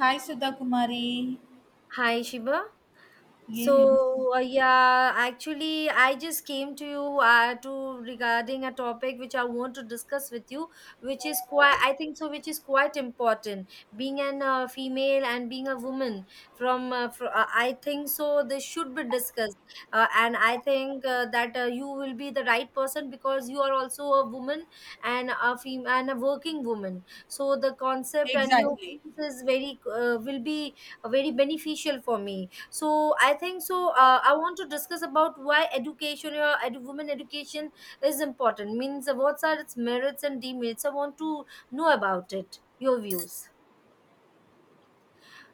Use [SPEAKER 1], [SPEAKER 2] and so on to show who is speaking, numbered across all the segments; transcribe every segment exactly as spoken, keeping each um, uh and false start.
[SPEAKER 1] Hi, Sudha Kumari.
[SPEAKER 2] Hi, Shiba.
[SPEAKER 1] Yes,
[SPEAKER 2] So, uh, yeah, actually, I just came to you uh, to regarding a topic which I want to discuss with you, which is quite, I think so, which is quite important. Being an uh, female and being a woman, from uh, fr- uh, I think so, this should be discussed. Uh, and I think uh, that uh, you will be the right person because you are also a woman and a fem- and a working woman. So the concept and your
[SPEAKER 1] exactly,
[SPEAKER 2] views is very uh, will be, uh, very beneficial for me, so I think so, uh, I want to discuss about why education or edu- women education is important, means uh, what are its merits and demerits. I want to know about it, your views.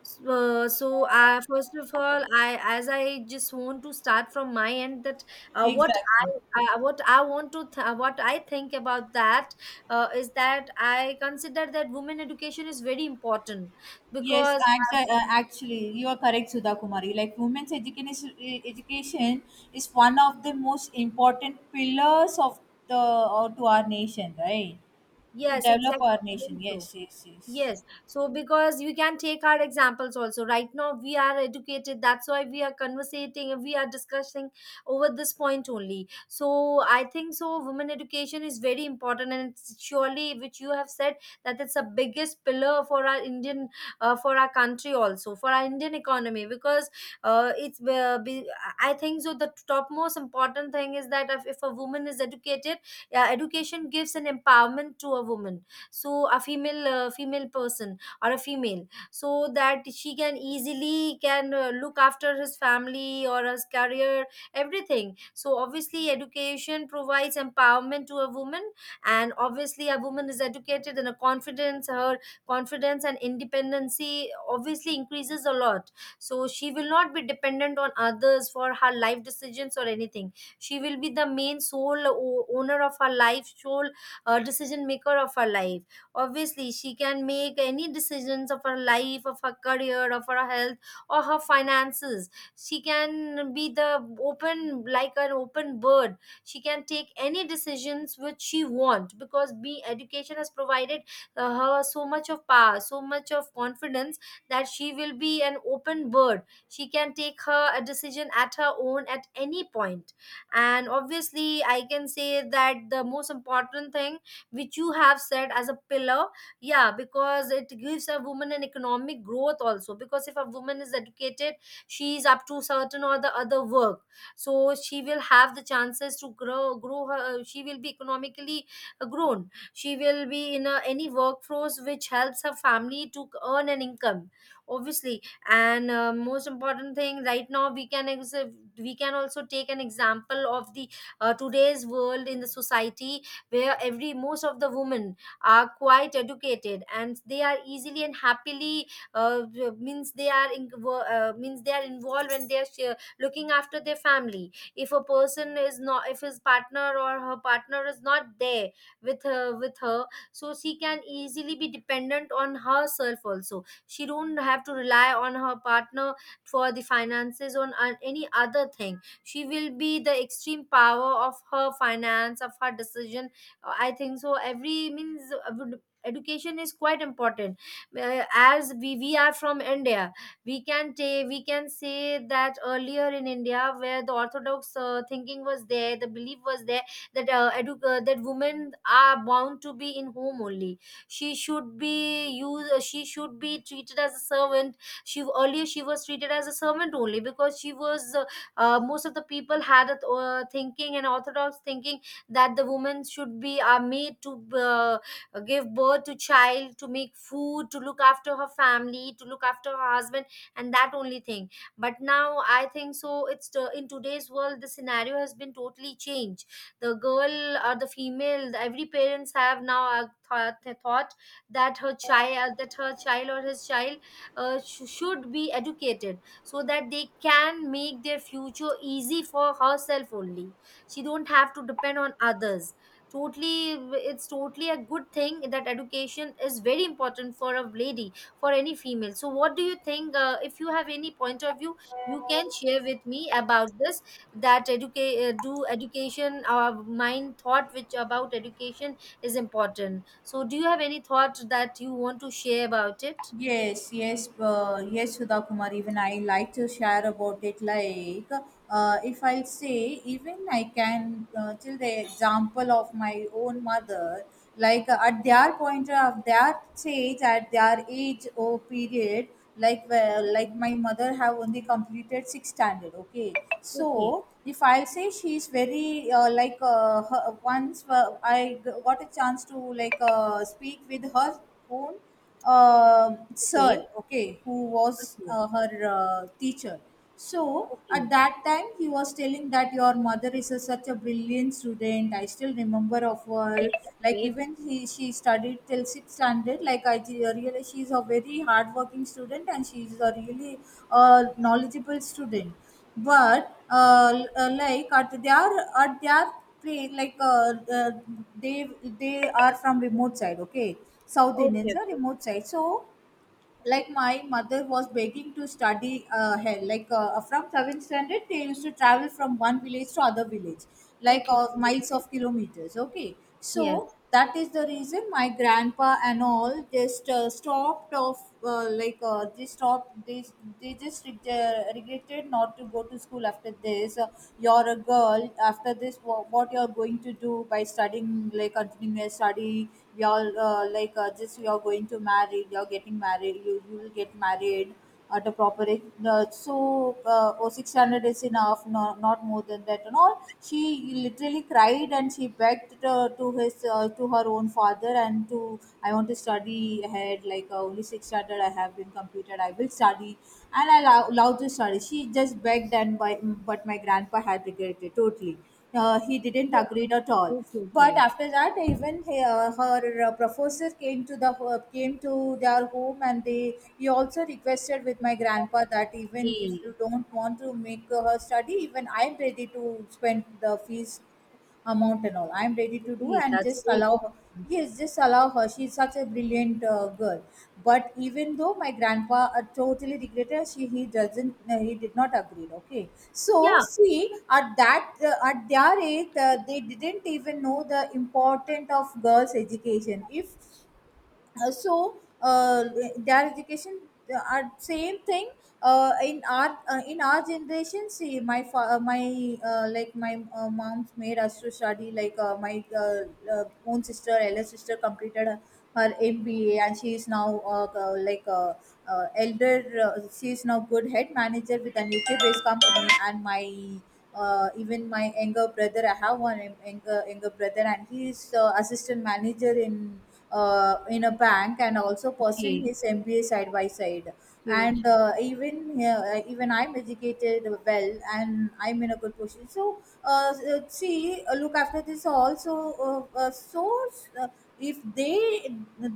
[SPEAKER 2] So, uh, so I first of all I as I just want to start from my end that uh, what
[SPEAKER 1] exactly.
[SPEAKER 2] i uh, what I want to th- what I think about that, uh, is that I consider that women education is very important,
[SPEAKER 1] Yes,
[SPEAKER 2] because
[SPEAKER 1] act-
[SPEAKER 2] uh,
[SPEAKER 1] uh, actually, you are correct, Sudha Kumari. Like women's education, education is one of the most important pillars of the or to our nation, right? To
[SPEAKER 2] yes,
[SPEAKER 1] develop
[SPEAKER 2] exactly.
[SPEAKER 1] our nation.
[SPEAKER 2] Very true.
[SPEAKER 1] Yes, yes, yes.
[SPEAKER 2] Yes, so because we can take our examples also. Right now, we are educated. That's why we are conversating, we are discussing over this point only. So, I think so. Women education is very important, and it's surely, which you have said, that it's a biggest pillar for our Indian, uh, for our country also, for our Indian economy. Because uh, it's, uh, be, I think so. The topmost important thing is that if, if a woman is educated, uh, education gives an empowerment to a woman. So a female uh, female person or a female so that she can easily can uh, look after his family or his career, everything. So obviously education provides empowerment to a woman. And obviously, a woman is educated and a confidence her confidence and independency obviously increases a lot. So she will not be dependent on others for her life decisions or anything. She will be the main, sole o- owner of her life, sole uh, decision maker of her life. Obviously, she can make any decisions of her life, of her career, of her health, or her finances. She can be the open, like an open bird. She can take any decisions which she want, because be education has provided uh, her so much of power, so much of confidence, that she will be an open bird. She can take her a decision at her own at any point. And obviously, I can say that the most important thing, which you have said as a pillar, yeah, because it gives a woman an economic growth also, because if a woman is educated, she is up to certain or the other work, so she will have the chances to grow grow her. She will be economically uh, grown. She will be in a, any workforce which helps her family to earn an income, obviously. And uh, most important thing, right now we can ex- we can also take an example of the uh, today's world in the society, where every most of the women are quite educated and they are easily and happily, uh, means they are in, uh, means they are involved. When they are sh- looking after their family. If a person is not, if his partner or her partner is not there, with her with her so she can easily be dependent on herself also. She don't have to rely on her partner for the finances, on on any other thing. She will be the extreme power of her finance, of her decision. I think so, every means uh, would- education is quite important. Uh, as we we are from India, we can take we can say that earlier in India, where the orthodox uh, thinking was there, the belief was there, that uh, edu- uh, that women are bound to be in home only. She should be used Uh, she should be treated as a servant. She earlier she was treated as a servant only, because she was, uh, uh, most of the people had a th- uh, thinking and orthodox thinking, that the women should be are made to uh, give birth to child, to make food, to look after her family, to look after her husband, and that only thing. But now I think so, it's the, in today's world the scenario has been totally changed. The girl or the female, every parents have now a thought, thought that her child, uh, that her child or his child uh, sh- should be educated, so that they can make their future easy for herself only. She don't have to depend on others totally. It's totally a good thing that education is very important for a lady, for any female. So what do you think, uh, if you have any point of view, you can share with me about this, that educate uh, do education, our mind thought which about education is important. So do you have any thought that you want to share about it?
[SPEAKER 1] Yes, yes, uh, yes, Sudha Kumar. Even I like to share about it. Like, uh, if I'll say, even I can uh, tell the example of my own mother. Like uh, at their point of their stage, at their age or period, like well, like my mother have only completed sixth standard. Okay, so
[SPEAKER 2] Okay.
[SPEAKER 1] if I'll say she's very uh, like uh, her, once uh, I g- got a chance to like uh, speak with her own uh, sir,
[SPEAKER 2] Okay,
[SPEAKER 1] okay, who was
[SPEAKER 2] okay,
[SPEAKER 1] uh, her uh, teacher. So at
[SPEAKER 2] okay,
[SPEAKER 1] that time, he was telling that your mother is a, such a brilliant student. I still remember of
[SPEAKER 2] okay.
[SPEAKER 1] her.
[SPEAKER 2] That's
[SPEAKER 1] Like
[SPEAKER 2] great.
[SPEAKER 1] even he, she studied till sixth standard. Like I ju- really, she's a very hardworking student, and she's a really uh, knowledgeable student, but uh, l- uh, like at their at their place, like uh, uh, they they are from remote side, okay. South
[SPEAKER 2] Okay,
[SPEAKER 1] Indians are
[SPEAKER 2] okay,
[SPEAKER 1] remote side, so like my mother was begging to study uh, here, like uh, from seventh standard they used to travel from one village to other village, like
[SPEAKER 2] okay.
[SPEAKER 1] uh, miles of kilometers, okay. So
[SPEAKER 2] Yes,
[SPEAKER 1] that is the reason my grandpa and all just uh, stopped off, uh, like uh, they stopped, they, they just reg- uh, regretted not to go to school after this. Uh, you're a girl, after this wha- what you're going to do by studying, like continuing your study? You're uh, like uh, just, you're going to marry, you're getting married, you, you will get married at a proper age, uh, so uh, oh, six standard is enough, no, not more than that and all. She literally cried, and she begged uh, to his uh, to her own father and to, I want to study ahead, like uh, only six standard I have been completed, I will study, and I allow, allowed to study. She just begged, and by, but my grandpa had regretted totally, uh, he didn't
[SPEAKER 2] yes.
[SPEAKER 1] agree at all.
[SPEAKER 2] Okay,
[SPEAKER 1] But
[SPEAKER 2] okay.
[SPEAKER 1] after that, even he, uh, her uh, professor came to the ho- came to their home, and they he also requested with my grandpa that even if
[SPEAKER 2] Hey,
[SPEAKER 1] you don't want to make her study, even I'm ready to spend the fees amount and all, I'm ready to do,
[SPEAKER 2] okay,
[SPEAKER 1] and
[SPEAKER 2] that's
[SPEAKER 1] just
[SPEAKER 2] great.
[SPEAKER 1] allow her, yes, just allow her, she's such a brilliant uh, girl. But even though my grandpa uh, totally regretted, she he doesn't uh, he did not agree, okay. So
[SPEAKER 2] Yeah,
[SPEAKER 1] see, at that uh, at their age, uh, they didn't even know the importance of girls education, if uh, so uh, their education uh, are same thing, uh, in our uh, in our generation. See my fa- uh, my uh, like my uh, mom made us to study. Like uh, my uh, uh, own sister elder sister completed her, her M B A, and she is now uh, uh, like uh, uh, elder uh, she is now good head manager with an U K based company. And my uh, even my younger brother, I have one younger younger brother, and he is uh, assistant manager in uh, in a bank, and also pursuing
[SPEAKER 2] okay,
[SPEAKER 1] his M B A side by side.
[SPEAKER 2] okay, okay.
[SPEAKER 1] And uh, even uh, even I'm educated well, and I'm in a good position. So uh, uh, see, uh, look after this also, uh, uh, source. Uh, if they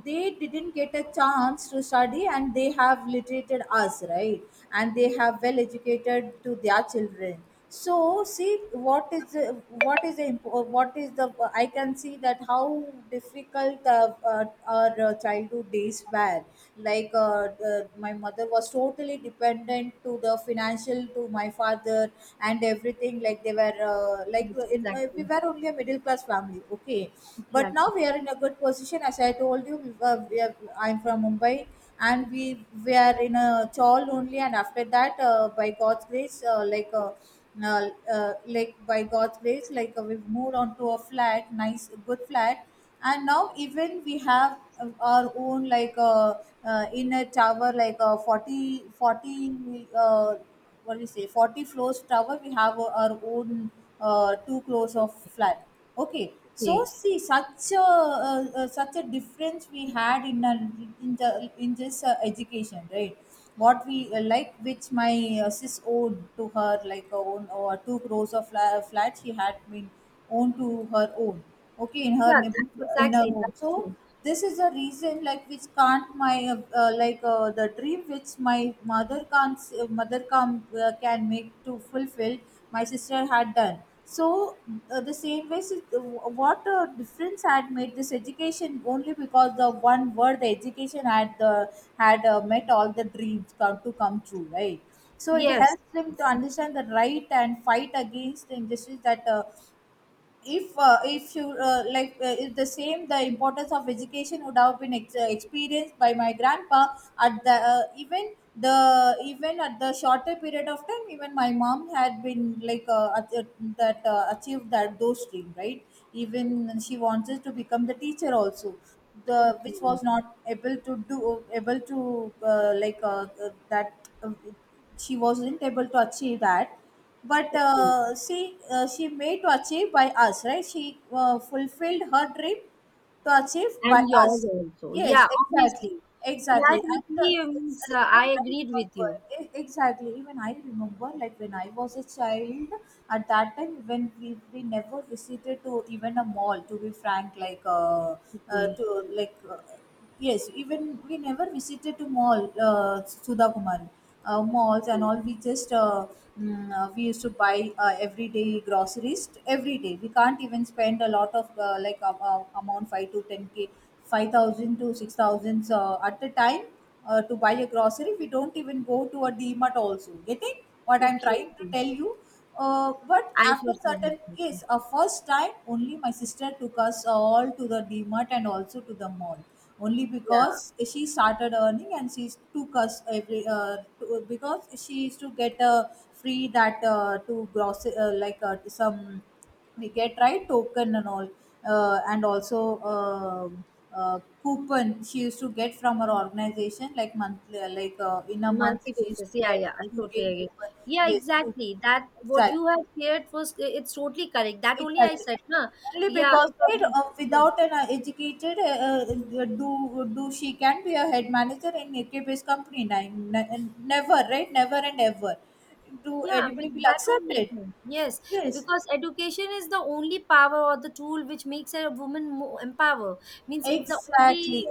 [SPEAKER 1] they didn't get a chance to study, and they have literated us, right, and they have well educated to their children. So see, what is the, what is the imp- uh, what is the, I can see that how difficult uh, uh, our uh, childhood days were. Like uh, the, my mother was totally dependent to the financial to my father, and everything, like they were uh, like
[SPEAKER 2] Yes,
[SPEAKER 1] in, uh, we
[SPEAKER 2] exactly,
[SPEAKER 1] were only a middle class family, okay. But
[SPEAKER 2] exactly.
[SPEAKER 1] now we are in a good position, as I told you, we were, we are, I'm from Mumbai, and we we are in a chawl only. And after that, uh, by god's grace uh, like uh, uh, uh, like by God's grace, like uh, we've moved on to a flat, nice, good flat. And now even we have uh, our own, like uh, uh, inner tower, like a forty, forty, 40, uh, what do you say, forty floors tower. We have uh, our own uh, two floors of flat. Okay, so
[SPEAKER 2] Okay,
[SPEAKER 1] see such a uh, uh, such a difference we had in a, in the in this uh, education, right? what we uh, like which my uh, sis owed to her, like her own or two crores of fla- uh, flat, she had been owned to her own, okay, in
[SPEAKER 2] yeah,
[SPEAKER 1] her
[SPEAKER 2] that's
[SPEAKER 1] neighbor- in her
[SPEAKER 2] exactly,
[SPEAKER 1] home.
[SPEAKER 2] that's
[SPEAKER 1] So
[SPEAKER 2] true.
[SPEAKER 1] this is the reason, like which can't my uh, uh, like uh, the dream which my mother can't s- uh, mother can uh, can make to fulfill, my sister had done. So uh, the same way, si- what a difference had made this education only, because the one word, the education had, the had uh, met all the dreams, come to come true, right. So it
[SPEAKER 2] Yes,
[SPEAKER 1] helps them to
[SPEAKER 2] yes,
[SPEAKER 1] understand the right, and fight against the injustice that uh, if uh, if you uh, like uh, if the same, the importance of education would have been ex- uh, experienced by my grandpa. At the uh, even the even at the shorter period of time, even my mom had been, like uh, at, at- that uh, achieved that those dream, right. Even she wanted to become the teacher also, the which
[SPEAKER 2] exactly.
[SPEAKER 1] was not able to do able to, uh, like uh, uh, that uh, she wasn't able to achieve that. But
[SPEAKER 2] Okay,
[SPEAKER 1] uh, see, uh, she made to achieve by us, right, she uh, fulfilled her dream to achieve by
[SPEAKER 2] and
[SPEAKER 1] us.
[SPEAKER 2] yours also. Yeah,
[SPEAKER 1] Yes, exactly,
[SPEAKER 2] obviously. Yeah,
[SPEAKER 1] exactly,
[SPEAKER 2] I
[SPEAKER 1] and uh,
[SPEAKER 2] totally, um,
[SPEAKER 1] it's,
[SPEAKER 2] s- uh,
[SPEAKER 1] uh,
[SPEAKER 2] I
[SPEAKER 1] even I
[SPEAKER 2] agreed with
[SPEAKER 1] remember,
[SPEAKER 2] you.
[SPEAKER 1] e- exactly, even I remember, like when I was a child. At that time, when we, we never visited to even a mall, to be frank, like uh, uh,
[SPEAKER 2] Okay,
[SPEAKER 1] to like uh, yes, even we never visited to mall, uh, Sudha Kumari, uh, malls and
[SPEAKER 2] okay,
[SPEAKER 1] all. We just uh, mm, uh, we used to buy uh, everyday groceries t- every day. We can't even spend a lot of uh, like uh, uh, amount, five to ten k, five thousand to six thousand, uh, at a time, uh, to buy a grocery. We don't even go to a D Mart also. Getting what I'm
[SPEAKER 2] okay.
[SPEAKER 1] trying to
[SPEAKER 2] Okay.
[SPEAKER 1] tell you? Uh, but
[SPEAKER 2] I
[SPEAKER 1] after
[SPEAKER 2] totally
[SPEAKER 1] certain case,
[SPEAKER 2] agree.
[SPEAKER 1] uh, first time only, my sister took us all to the DMart and also to the mall. Only
[SPEAKER 2] Yeah.
[SPEAKER 1] because she started earning, and she took us every uh, to, because she used to get a free, that uh, to gross uh, like uh, some we get, right, token and all, uh, and also um uh, coupon she used to get from her organization, like monthly, uh, like uh, in a month
[SPEAKER 2] Monthly
[SPEAKER 1] she used
[SPEAKER 2] basis.
[SPEAKER 1] to
[SPEAKER 2] Yeah,
[SPEAKER 1] get
[SPEAKER 2] yeah,
[SPEAKER 1] a
[SPEAKER 2] I totally
[SPEAKER 1] two k
[SPEAKER 2] agree.
[SPEAKER 1] coupon.
[SPEAKER 2] Yeah,
[SPEAKER 1] Yes, two
[SPEAKER 2] exactly. That what you
[SPEAKER 1] exactly,
[SPEAKER 2] have shared was it's totally correct. That only I
[SPEAKER 1] exactly.
[SPEAKER 2] said, na?
[SPEAKER 1] Only
[SPEAKER 2] Yeah,
[SPEAKER 1] because,
[SPEAKER 2] it
[SPEAKER 1] right,
[SPEAKER 2] was-
[SPEAKER 1] uh, without an uh, educated, uh, uh, do do she can be a head manager in A K P's company? Now, ne- never, right? Never and ever. Do
[SPEAKER 2] yeah,
[SPEAKER 1] anybody
[SPEAKER 2] with
[SPEAKER 1] will
[SPEAKER 2] that
[SPEAKER 1] accept
[SPEAKER 2] only.
[SPEAKER 1] it?
[SPEAKER 2] It Yes,
[SPEAKER 1] Yes.
[SPEAKER 2] because education is the only power or the tool which makes a woman more empower. Means it's the only.
[SPEAKER 1] Exactly,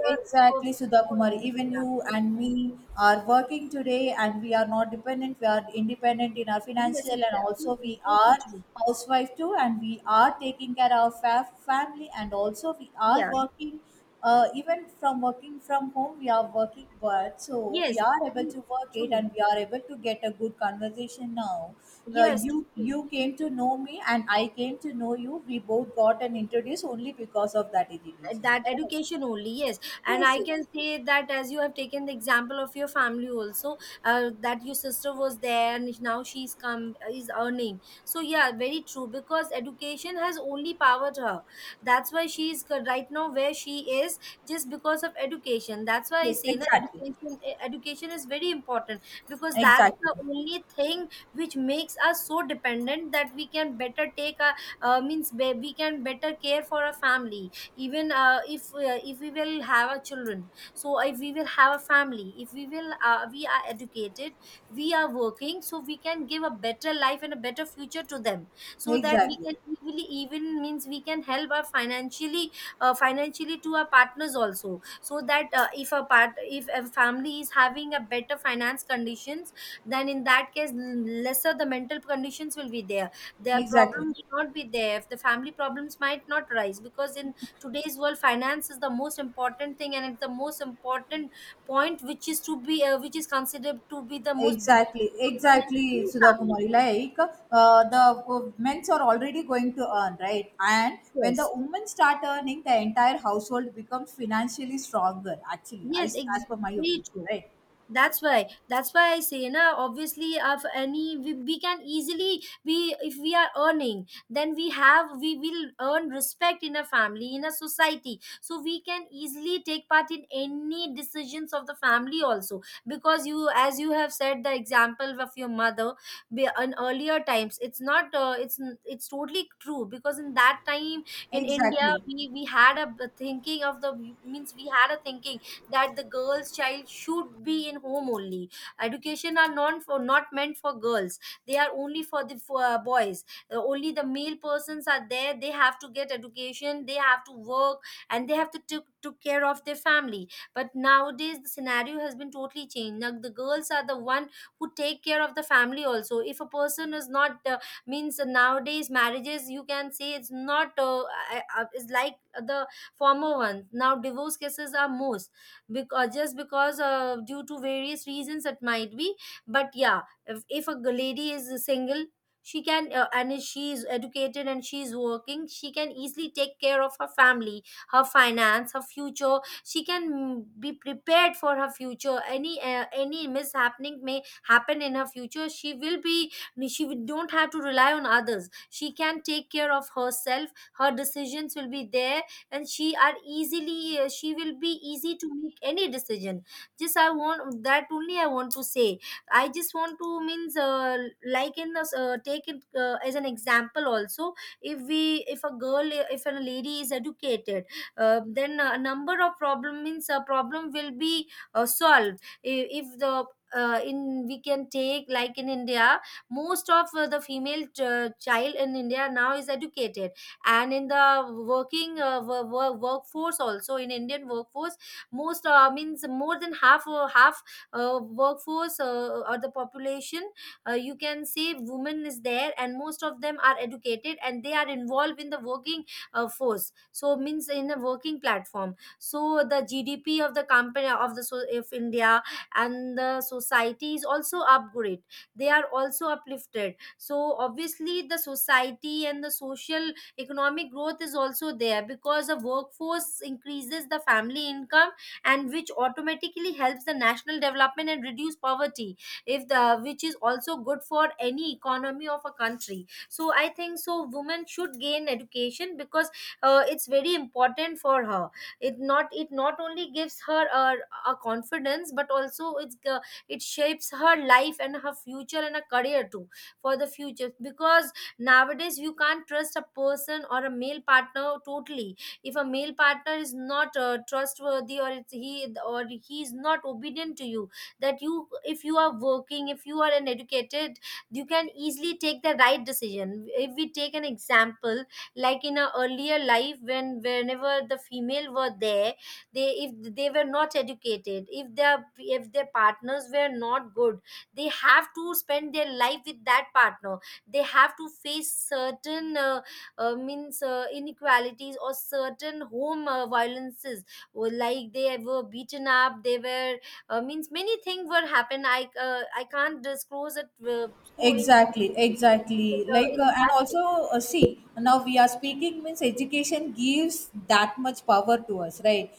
[SPEAKER 2] Uh, of-
[SPEAKER 1] exactly, Sudha Kumar.
[SPEAKER 2] yeah.
[SPEAKER 1] Even you and me are working today, and we are not dependent. We are independent in our
[SPEAKER 2] Yes,
[SPEAKER 1] financial, and
[SPEAKER 2] exactly.
[SPEAKER 1] also
[SPEAKER 2] Totally,
[SPEAKER 1] we
[SPEAKER 2] totally
[SPEAKER 1] are
[SPEAKER 2] true.
[SPEAKER 1] housewife too, and we are taking care of our fa- family, and also we are
[SPEAKER 2] Yeah.
[SPEAKER 1] working. Uh, even from working from home we are working, but so we
[SPEAKER 2] Yes.
[SPEAKER 1] are able
[SPEAKER 2] Yes.
[SPEAKER 1] to work it,
[SPEAKER 2] True.
[SPEAKER 1] and we are able to get a good conversation now. uh,
[SPEAKER 2] Yes.
[SPEAKER 1] you
[SPEAKER 2] Totally.
[SPEAKER 1] you came to know me, and I came to know you. We both got an introduce only because of that education,
[SPEAKER 2] That
[SPEAKER 1] correct?
[SPEAKER 2] education only, yes. And
[SPEAKER 1] Yes,
[SPEAKER 2] I
[SPEAKER 1] yes,
[SPEAKER 2] can say that, as you have taken the example of your family also, uh, that your sister was there and now she's come is earning. So yeah, very true, because education has only powered her. That's why she is g- right now where she is, just because of education. That's why I
[SPEAKER 1] yes,
[SPEAKER 2] say na,
[SPEAKER 1] exactly,
[SPEAKER 2] education e- education is very important, because that's
[SPEAKER 1] exactly,
[SPEAKER 2] the only thing which makes us so dependent that we can better take a uh, means be- we can better care for our family. Even uh, if uh, if we will have a children, so if we will have a family, if we will uh, we are educated, we are working, so we can give a better life and a better future to them, so that we
[SPEAKER 1] exactly,
[SPEAKER 2] can easily, even means, we can help our, financially uh, financially to our partners also. So that uh, if a part if a family is having a better finance conditions, then in that case, l- lesser the mental conditions will be there, their
[SPEAKER 1] exactly.
[SPEAKER 2] problems will not be there, the family problems might not rise, because in today's world finance is the most important thing, and it's the most important point which is to be uh, which is considered to be the most big
[SPEAKER 1] Exactly,
[SPEAKER 2] problem in
[SPEAKER 1] exactly,
[SPEAKER 2] any
[SPEAKER 1] Sudha
[SPEAKER 2] family.
[SPEAKER 1] Kumari. Like uh, the uh, men's are already going to earn, right? And when the
[SPEAKER 2] Yes,
[SPEAKER 1] women start earning, the entire household becomes financially stronger. Actually, I,
[SPEAKER 2] yes. Ex-
[SPEAKER 1] as per my
[SPEAKER 2] very
[SPEAKER 1] opinion,
[SPEAKER 2] true.
[SPEAKER 1] right?
[SPEAKER 2] That's why that's why I say na, obviously, of any, we, we can easily, we if we are earning, then we have we will earn respect in a family, in a society, so we can easily take part in any decisions of the family also. Because you as you have said the example of your mother, be- in earlier times it's not, uh, it's n- it's totally true. Because in that time in India,
[SPEAKER 1] Exactly.
[SPEAKER 2] we we had a b- thinking of the means we had a thinking that the girls child should be in home only. Education are not for not meant for girls. They are only for the, for, uh, boys. Uh, only the male persons are there, they have to get education, they have to work, and they have to took took care of their family. But nowadays the scenario has been totally changed. Now the girls are the one who take care of the family also. If a person is not, uh, means nowadays marriages, you can say it's not, uh, uh, uh, is like the former ones. Now divorce cases are most, because just because uh, due to various reasons it might be. But yeah, if, if a g- lady is single, she can uh, and if she is educated and she is working, she can easily take care of her family, her finance, her future. She can, mm, be prepared for her future, any uh, any mishappening may happen in her future. She will be she will- don't have to rely on others. She can take care of herself. Her decisions will be there, and she are easily uh, she will be easy to make any decision. Just I want that only, I want to say. I just want to means, uh, like in the, uh, take it, uh, as an Example also, if we if a girl uh, if a lady is educated, uh, then a number of problem means a problem will be uh, solved I- if the uh, in we can take like in India. Most of uh, the female ch- child in India now is educated, and in the working uh, wo- wo- workforce also, in Indian workforce most uh, means more than half, uh, half uh, workforce uh, or the population, uh, you can say women is there, and most of them are educated and they are involved in the working uh, force. So means in a working platform, so the GDP of the company of the so if India and the society is also upgrade, they are also uplifted. So obviously the society and the social economic growth is also there, because the workforce increases the family income, and which automatically helps the national development and reduce poverty if the, which is also good for any economy of a country. So I think so women should gain education because uh, it's very important for her. It not it not only gives her a, a confidence, but also it's uh, it shapes her life and her future and a career too, for the future. Because nowadays you can't trust a person or a male partner totally. If a male partner is not uh, trustworthy, or it's he or he is not obedient to you, that you, if you are working, if you are an educated, you can easily take the right decision. If we take an example, like in our earlier life, when whenever the female were there, they, if they were not educated, if their if their partners were not good, they have to spend their life with that partner. They have to face certain uh, uh, means uh, inequalities or certain home uh, violences. Or like they were beaten up, they were uh, means many things were happen i uh, i can't disclose it. Uh, so in
[SPEAKER 1] Exactly, exactly.
[SPEAKER 2] uh,
[SPEAKER 1] like
[SPEAKER 2] in
[SPEAKER 1] uh, and
[SPEAKER 2] that thing.
[SPEAKER 1] also uh, see, now we are speaking means education gives that much power to us, right?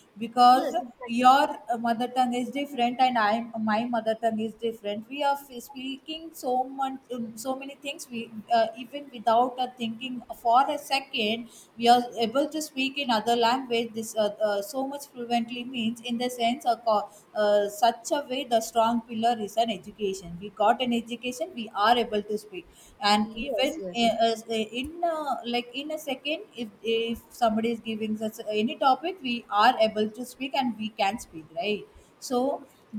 [SPEAKER 2] Yes,
[SPEAKER 1] Because
[SPEAKER 2] exactly.
[SPEAKER 1] your uh, mother tongue is different and I am my mother tongue is different. We are f- speaking so much, um, so many things we, uh, even without uh, thinking for a second, we are able to speak in other language this uh, uh, so much fluently, means in the sense, uh, uh, such a way the strong pillar is an education. We got an education, we are able to speak. And
[SPEAKER 2] Yes,
[SPEAKER 1] even
[SPEAKER 2] yes, yes.
[SPEAKER 1] uh, as- uh, in uh, like in a second, if if somebody is giving us any topic, we are able to speak and we can speak, right? So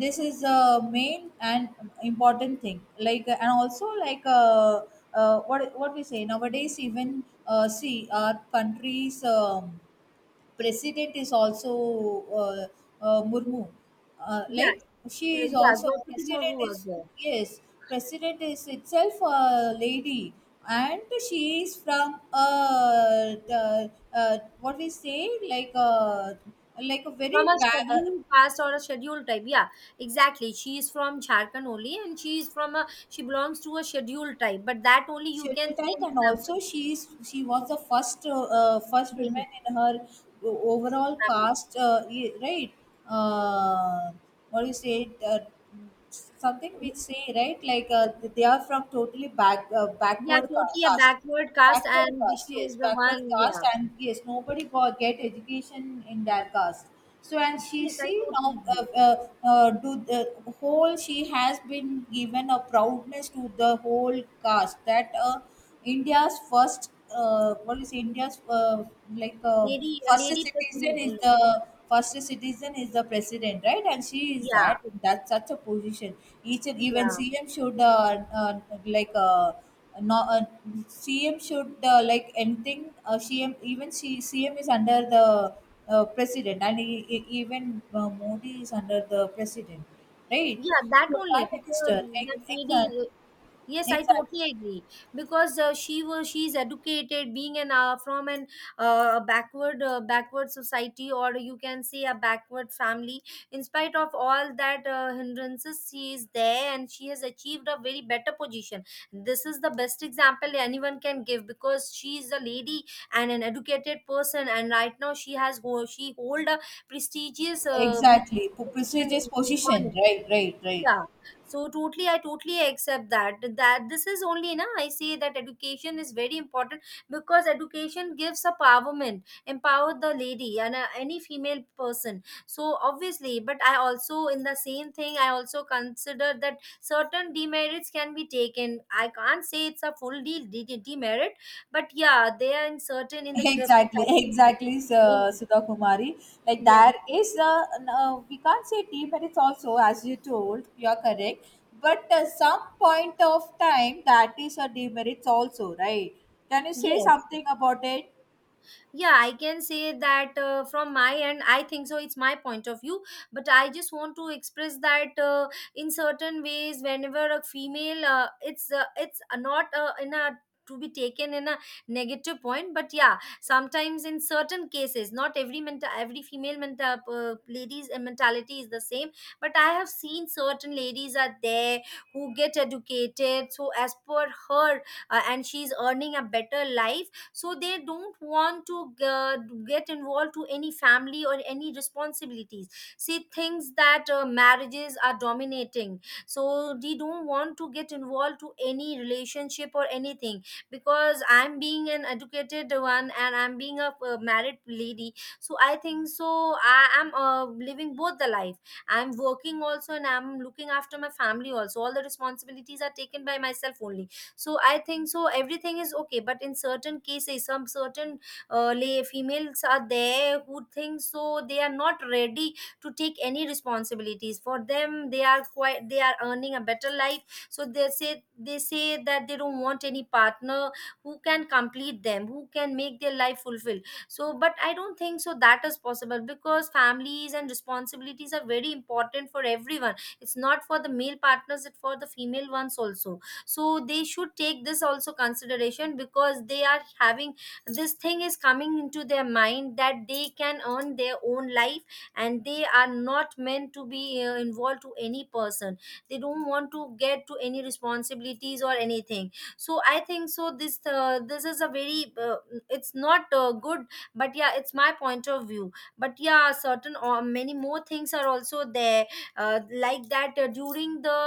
[SPEAKER 1] this is a main and important thing. Like and also like uh, uh, what what we say nowadays. Even uh, see, our countries, um, president is also, uh, uh, Murmu. Uh,
[SPEAKER 2] Yeah,
[SPEAKER 1] like, she
[SPEAKER 2] uh,
[SPEAKER 1] is
[SPEAKER 2] yeah,
[SPEAKER 1] also
[SPEAKER 2] Draupadi
[SPEAKER 1] president
[SPEAKER 2] Murmu
[SPEAKER 1] is,
[SPEAKER 2] was there.
[SPEAKER 1] yes, president is itself a lady. And she is from uh, the, uh, what we say, like a like a very
[SPEAKER 2] From a
[SPEAKER 1] bad, uh,
[SPEAKER 2] scheduled caste or a scheduled type, yeah. Exactly, she is from Jharkhand only, and she is from a, she belongs to a scheduled type, but that only you can
[SPEAKER 1] schedule
[SPEAKER 2] see
[SPEAKER 1] type.
[SPEAKER 2] an
[SPEAKER 1] And also
[SPEAKER 2] example.
[SPEAKER 1] she is, she was the first, uh, uh, first
[SPEAKER 2] Daily
[SPEAKER 1] woman in her o- overall
[SPEAKER 2] family.
[SPEAKER 1] cast, uh, y- right? uh, what do you say it, uh, something which say, right? Like uh, they are from totally back uh,
[SPEAKER 2] Yeah,
[SPEAKER 1] backward ca-
[SPEAKER 2] totally a
[SPEAKER 1] caste.
[SPEAKER 2] backward caste,
[SPEAKER 1] Backward
[SPEAKER 2] and
[SPEAKER 1] caste,
[SPEAKER 2] she was
[SPEAKER 1] yes,
[SPEAKER 2] the
[SPEAKER 1] backward
[SPEAKER 2] one.
[SPEAKER 1] caste.
[SPEAKER 2] Yeah,
[SPEAKER 1] And yes, nobody got get education in that caste. So, and she
[SPEAKER 2] yes, I
[SPEAKER 1] see now,
[SPEAKER 2] totally
[SPEAKER 1] uh,
[SPEAKER 2] agree.
[SPEAKER 1] uh, uh, do the whole, she has been given a proudness to the whole caste that uh, India's first, uh, what is India's, uh, like uh,
[SPEAKER 2] Lady, a
[SPEAKER 1] first
[SPEAKER 2] lady person.
[SPEAKER 1] citizen
[SPEAKER 2] uh,
[SPEAKER 1] is the, first citizen is the president, right? And she is that,
[SPEAKER 2] Yeah,
[SPEAKER 1] that's such a position. Each and even
[SPEAKER 2] yeah,
[SPEAKER 1] CM should, uh, uh, like uh, no, uh, C M should, uh, like, anything. Uh, C M, even C, CM is under the uh, president, and e- e- even uh, Modi is under the president, right?
[SPEAKER 2] yeah. That
[SPEAKER 1] So,
[SPEAKER 2] only,
[SPEAKER 1] prime
[SPEAKER 2] because
[SPEAKER 1] minister,
[SPEAKER 2] that
[SPEAKER 1] exactly,
[SPEAKER 2] lady. uh, Yes, I
[SPEAKER 1] exactly,
[SPEAKER 2] totally agree, because uh, she was, she's educated, being an uh, from an uh, backward uh, backward society, or you can say a backward family. In spite of all that uh, hindrances, she is there and she has achieved a very better position. This is the best example anyone can give, because she is a lady and an educated person, and right now she has ho- she hold a prestigious uh,
[SPEAKER 1] exactly,
[SPEAKER 2] position
[SPEAKER 1] prestigious
[SPEAKER 2] in
[SPEAKER 1] position,
[SPEAKER 2] economy.
[SPEAKER 1] right, right, right.
[SPEAKER 2] Yeah. So totally, I totally accept that. That this is only na I say that education is very important, because education gives empowerment, empower the lady and uh, any female person. So obviously, but I also in the same thing, I also consider that certain demerits can be taken. I can't say it's a full de- de- de- demerit, but yeah, they are in certain in the
[SPEAKER 1] Exactly,
[SPEAKER 2] society
[SPEAKER 1] exactly.
[SPEAKER 2] in,
[SPEAKER 1] uh, Sudha Kumari, like,
[SPEAKER 2] yeah.
[SPEAKER 1] there is uh, n- uh, we can't say tea, but it's also, as you told, you're correct. But uh, some point of time, that is a demerit also, right? Can you say
[SPEAKER 2] Yes,
[SPEAKER 1] something about it?
[SPEAKER 2] yeah, I can say that uh, from my end, I think so, it's my point of view, but I just want to express that uh, in certain ways, whenever a female uh, it's uh, it's not uh, in a, to be taken in a negative point, but yeah, sometimes in certain cases, not every mental, every female mental uh, ladies uh, mentality is the same, but I have seen certain ladies are there who get educated, so as per her uh, and she's earning a better life, so they don't want to uh, get involved to any family or any responsibilities. See things that uh, marriages are dominating, so they don't want to get involved to any relationship or anything. Because I'm being an educated one, and I'm being a, uh married lady, so I think so I am uh, living both the life. I'm working also, and I'm looking after my family also, all the responsibilities are taken by myself only. So I think so everything is okay, but in certain cases some certain uh, lay females are there who think so they are not ready to take any responsibilities. For them, they are quite, they are earning a better life, so they say, they say that they don't want any partner who can complete them, who can make their life fulfill. So but I don't think so that is possible, because families and responsibilities are very important for everyone. It's not for the male partners, it's for the female ones also. So they should take this also consideration, because they are having this thing is coming into their mind, that they can earn their own life and they are not meant to be uh, involved to any person. They don't want to get to any responsibilities or anything. So I think so this uh, this is a very uh, it's not uh, good, but yeah, it's my point of view. But yeah, certain or many more things are also there, uh, like that uh, during the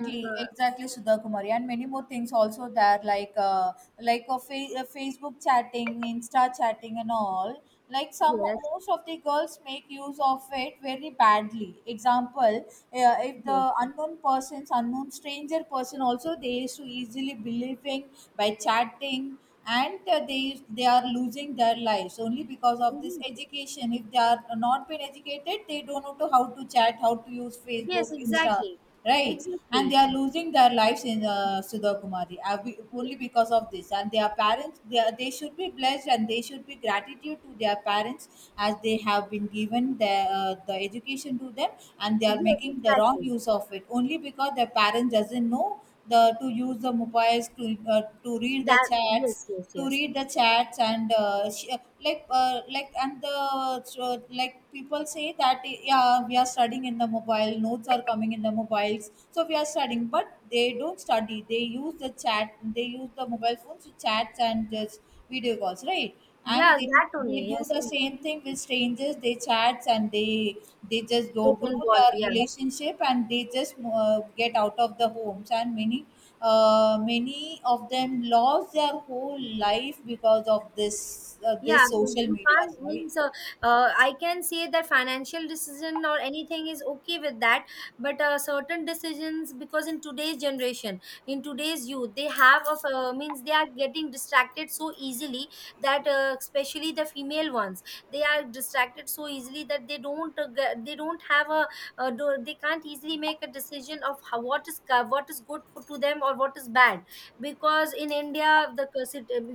[SPEAKER 2] mm, uh,
[SPEAKER 1] exactly, Sudha Kumari, and many more things also there, like uh, like a fa- uh, Facebook chatting, Insta chatting, and all. Like, some,
[SPEAKER 2] yes,
[SPEAKER 1] most of the girls make use of it very badly. Example, uh, if the
[SPEAKER 2] yes.
[SPEAKER 1] unknown persons, unknown stranger person, also they used to easily believing by chatting, and uh, they they are losing their lives only because of this
[SPEAKER 2] Yes,
[SPEAKER 1] education. If they are not been educated, they don't know to how to chat, how to use
[SPEAKER 2] yes,
[SPEAKER 1] Facebook, Insta,
[SPEAKER 2] exactly.
[SPEAKER 1] right? And
[SPEAKER 2] Exactly.
[SPEAKER 1] they are losing their lives in, uh, Sudakumari, uh, we-
[SPEAKER 2] Y-
[SPEAKER 1] only because of this. And their parents, they, are- they should be blessed and they should be gratitude to their parents as they have been given the, uh, the education to them. And they are
[SPEAKER 2] Yes,
[SPEAKER 1] making the wrong
[SPEAKER 2] exactly.
[SPEAKER 1] use of it only because their parents doesn't know the to use the mobiles to, uh, to read the
[SPEAKER 2] That,
[SPEAKER 1] chats,
[SPEAKER 2] yes, yes,
[SPEAKER 1] to
[SPEAKER 2] yes.
[SPEAKER 1] read the chats and uh, sh- uh, like uh, like and the so, like people say that yeah we are studying in the mobile, notes are coming in the mobiles so we are studying, but they don't study, they use the chat, they use the mobile phones to chats and just video calls, right? And
[SPEAKER 2] Yeah,
[SPEAKER 1] they,
[SPEAKER 2] that
[SPEAKER 1] they
[SPEAKER 2] only.
[SPEAKER 1] do
[SPEAKER 2] Yes.
[SPEAKER 1] the same thing with strangers, they chats, and they they just go
[SPEAKER 2] Get
[SPEAKER 1] grow
[SPEAKER 2] involved.
[SPEAKER 1] their
[SPEAKER 2] Yeah.
[SPEAKER 1] relationship and they just uh, get out of the homes, and many uh, many of them lost their whole life because of this, uh,
[SPEAKER 2] Yeah,
[SPEAKER 1] this
[SPEAKER 2] the-
[SPEAKER 1] social
[SPEAKER 2] you
[SPEAKER 1] media,
[SPEAKER 2] can't
[SPEAKER 1] right?
[SPEAKER 2] means uh, uh, I can say that financial decision or anything is okay with that, but uh, certain decisions, because in today's generation, in today's youth, they have of uh, means they are getting distracted so easily, that uh, especially the female ones, they are distracted so easily that they don't uh, get, they don't have a uh, do, they can't easily make a decision of how, what is co- what is good for, to them, or what is bad. Because in India, the,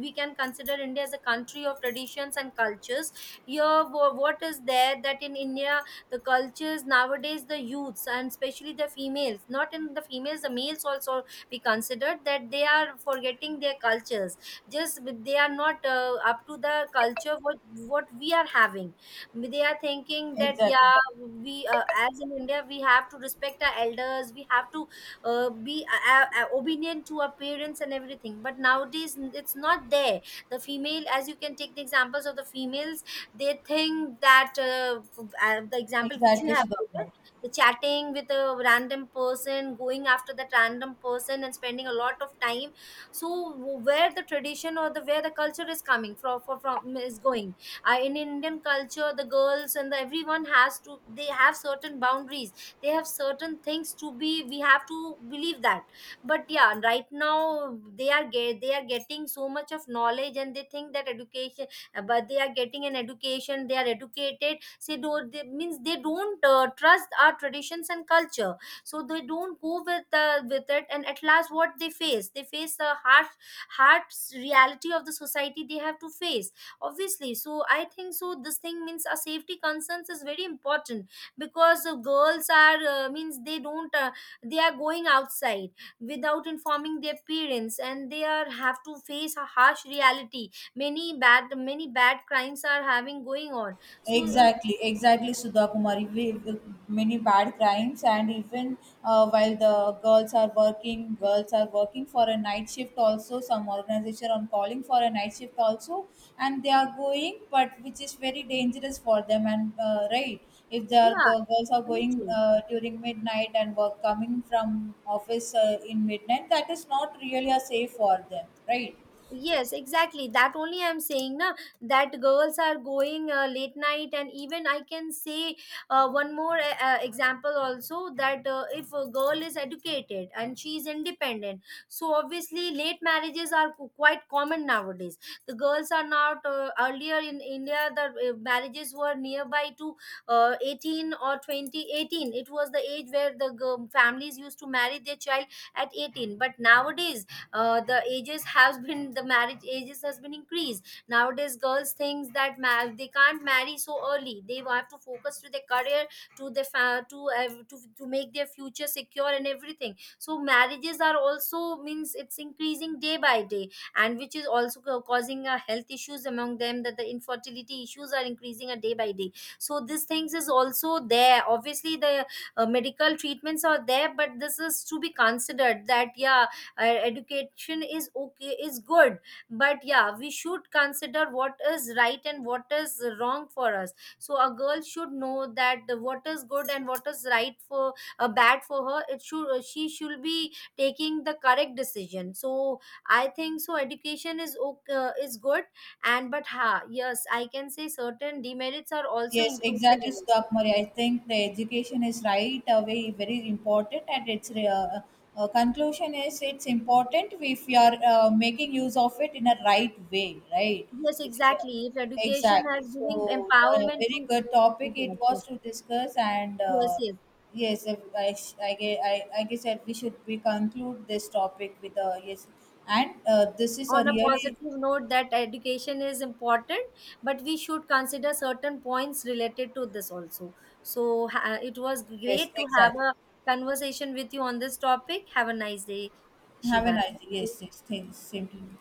[SPEAKER 2] we can consider India as a country of traditions and cultures. Here wha- what is there, that in India, the cultures nowadays, the youths and especially the females, not in the females, the males also be considered that they are forgetting their cultures. Just they are not uh, up to the culture what what we are having. They are thinking that
[SPEAKER 1] Exactly,
[SPEAKER 2] yeah, we uh, as in India we have to respect our elders, we have to uh, be uh, uh, obedient to our parents and everything, but nowadays n- it's not there. The female, as you can take the examples of the females, they think that uh, f- uh, the example which you
[SPEAKER 1] exactly,
[SPEAKER 2] have given,
[SPEAKER 1] Sudhakar.
[SPEAKER 2] the chatting with a random person, going after that random person and spending a lot of time. So where the tradition or the where the culture is coming from, from, from is going. Uh, in Indian culture, the girls and the everyone has to, they have certain boundaries, they have certain things to be, we have to believe that. But yeah, right now they are get, they are getting so much of knowledge and they think that education, uh, but they are getting an education, they are educated, so do, they means they don't uh, trust our traditions and culture, so they don't go with uh, with it, and at last what they face, they face the harsh, harsh reality of the society they have to face, obviously. So I think so this thing means a safety concerns is very important, because uh, girls are uh, means they don't uh, they are going outside without informing their parents, and they are have to face a harsh reality. Many bad, many bad crimes are having going on, so uh,
[SPEAKER 1] Exactly, exactly, Sudha Kumari. We, we- many bad crimes, and even uh, while the girls are working, girls are working for a night shift also. Some organization are calling for a night shift also, and they are going, but which is very dangerous for them. And uh, right, if they are
[SPEAKER 2] yeah,
[SPEAKER 1] gi- girls are
[SPEAKER 2] very
[SPEAKER 1] going
[SPEAKER 2] true.
[SPEAKER 1] uh, during midnight and work coming from office uh, in midnight, that is not really a safe for them, right?
[SPEAKER 2] Yes, exactly, that only I'm saying na, that girls are going uh, late night. And even I can say uh, one more uh, uh, example also, that uh, if a girl is educated and she is independent, so obviously late marriages are qu- quite common nowadays. The girls are not uh, earlier in India the uh, marriages were nearby to uh, eighteen or twenty eighteen. It was the age where the girl, families used to marry their child at eighteen, but nowadays uh, the ages has been, the marriage ages has been increased. Nowadays girls thinks that ma- they can't marry so early, they have to focus to their career, to their fa- to, ev- to to make their future secure and everything. So marriages are also means it's increasing day by day, and which is also ca- causing uh, health issues among them, that the infertility issues are increasing a day by day. So these things is also there. Obviously the uh, medical treatments are there, but this is to be considered that yeah, uh, education is okay, is good, but yeah, we should consider what is right and what is wrong for us. So a girl should know that the what is good and what is right for uh, bad for her, it should uh, she should be taking the correct decision. So I think so education is okay, uh, is good, and but ha, yes, I can say certain demerits are also
[SPEAKER 1] Yes,
[SPEAKER 2] included
[SPEAKER 1] exactly,
[SPEAKER 2] in it.
[SPEAKER 1] Sudhakumari. I think the education is right away very important, and its uh, uh, uh, conclusion is, it's important if you are uh, making use of it in a right way, right?
[SPEAKER 2] Yes,
[SPEAKER 1] It's, uh,
[SPEAKER 2] exactly, if education
[SPEAKER 1] exactly.
[SPEAKER 2] has
[SPEAKER 1] So,
[SPEAKER 2] giving
[SPEAKER 1] a
[SPEAKER 2] empowerment
[SPEAKER 1] very
[SPEAKER 2] to,
[SPEAKER 1] good topic
[SPEAKER 2] yes,
[SPEAKER 1] it
[SPEAKER 2] yes,
[SPEAKER 1] was to discuss, and
[SPEAKER 2] yes,
[SPEAKER 1] uh,
[SPEAKER 2] yes.
[SPEAKER 1] yes, if I, sh- I, gue- I, I guess that we should we conclude this topic with a yes, and uh, this is a
[SPEAKER 2] On a
[SPEAKER 1] really,
[SPEAKER 2] positive note, that education is important, but we should consider certain points related to this also. So ha- it was
[SPEAKER 1] yes,
[SPEAKER 2] great to have
[SPEAKER 1] exactly.
[SPEAKER 2] a conversation with you on this topic. Have a nice day,
[SPEAKER 1] Have a
[SPEAKER 2] Shiva.
[SPEAKER 1] nice,
[SPEAKER 2] Thank you.
[SPEAKER 1] yes, yes, thanks, same to you.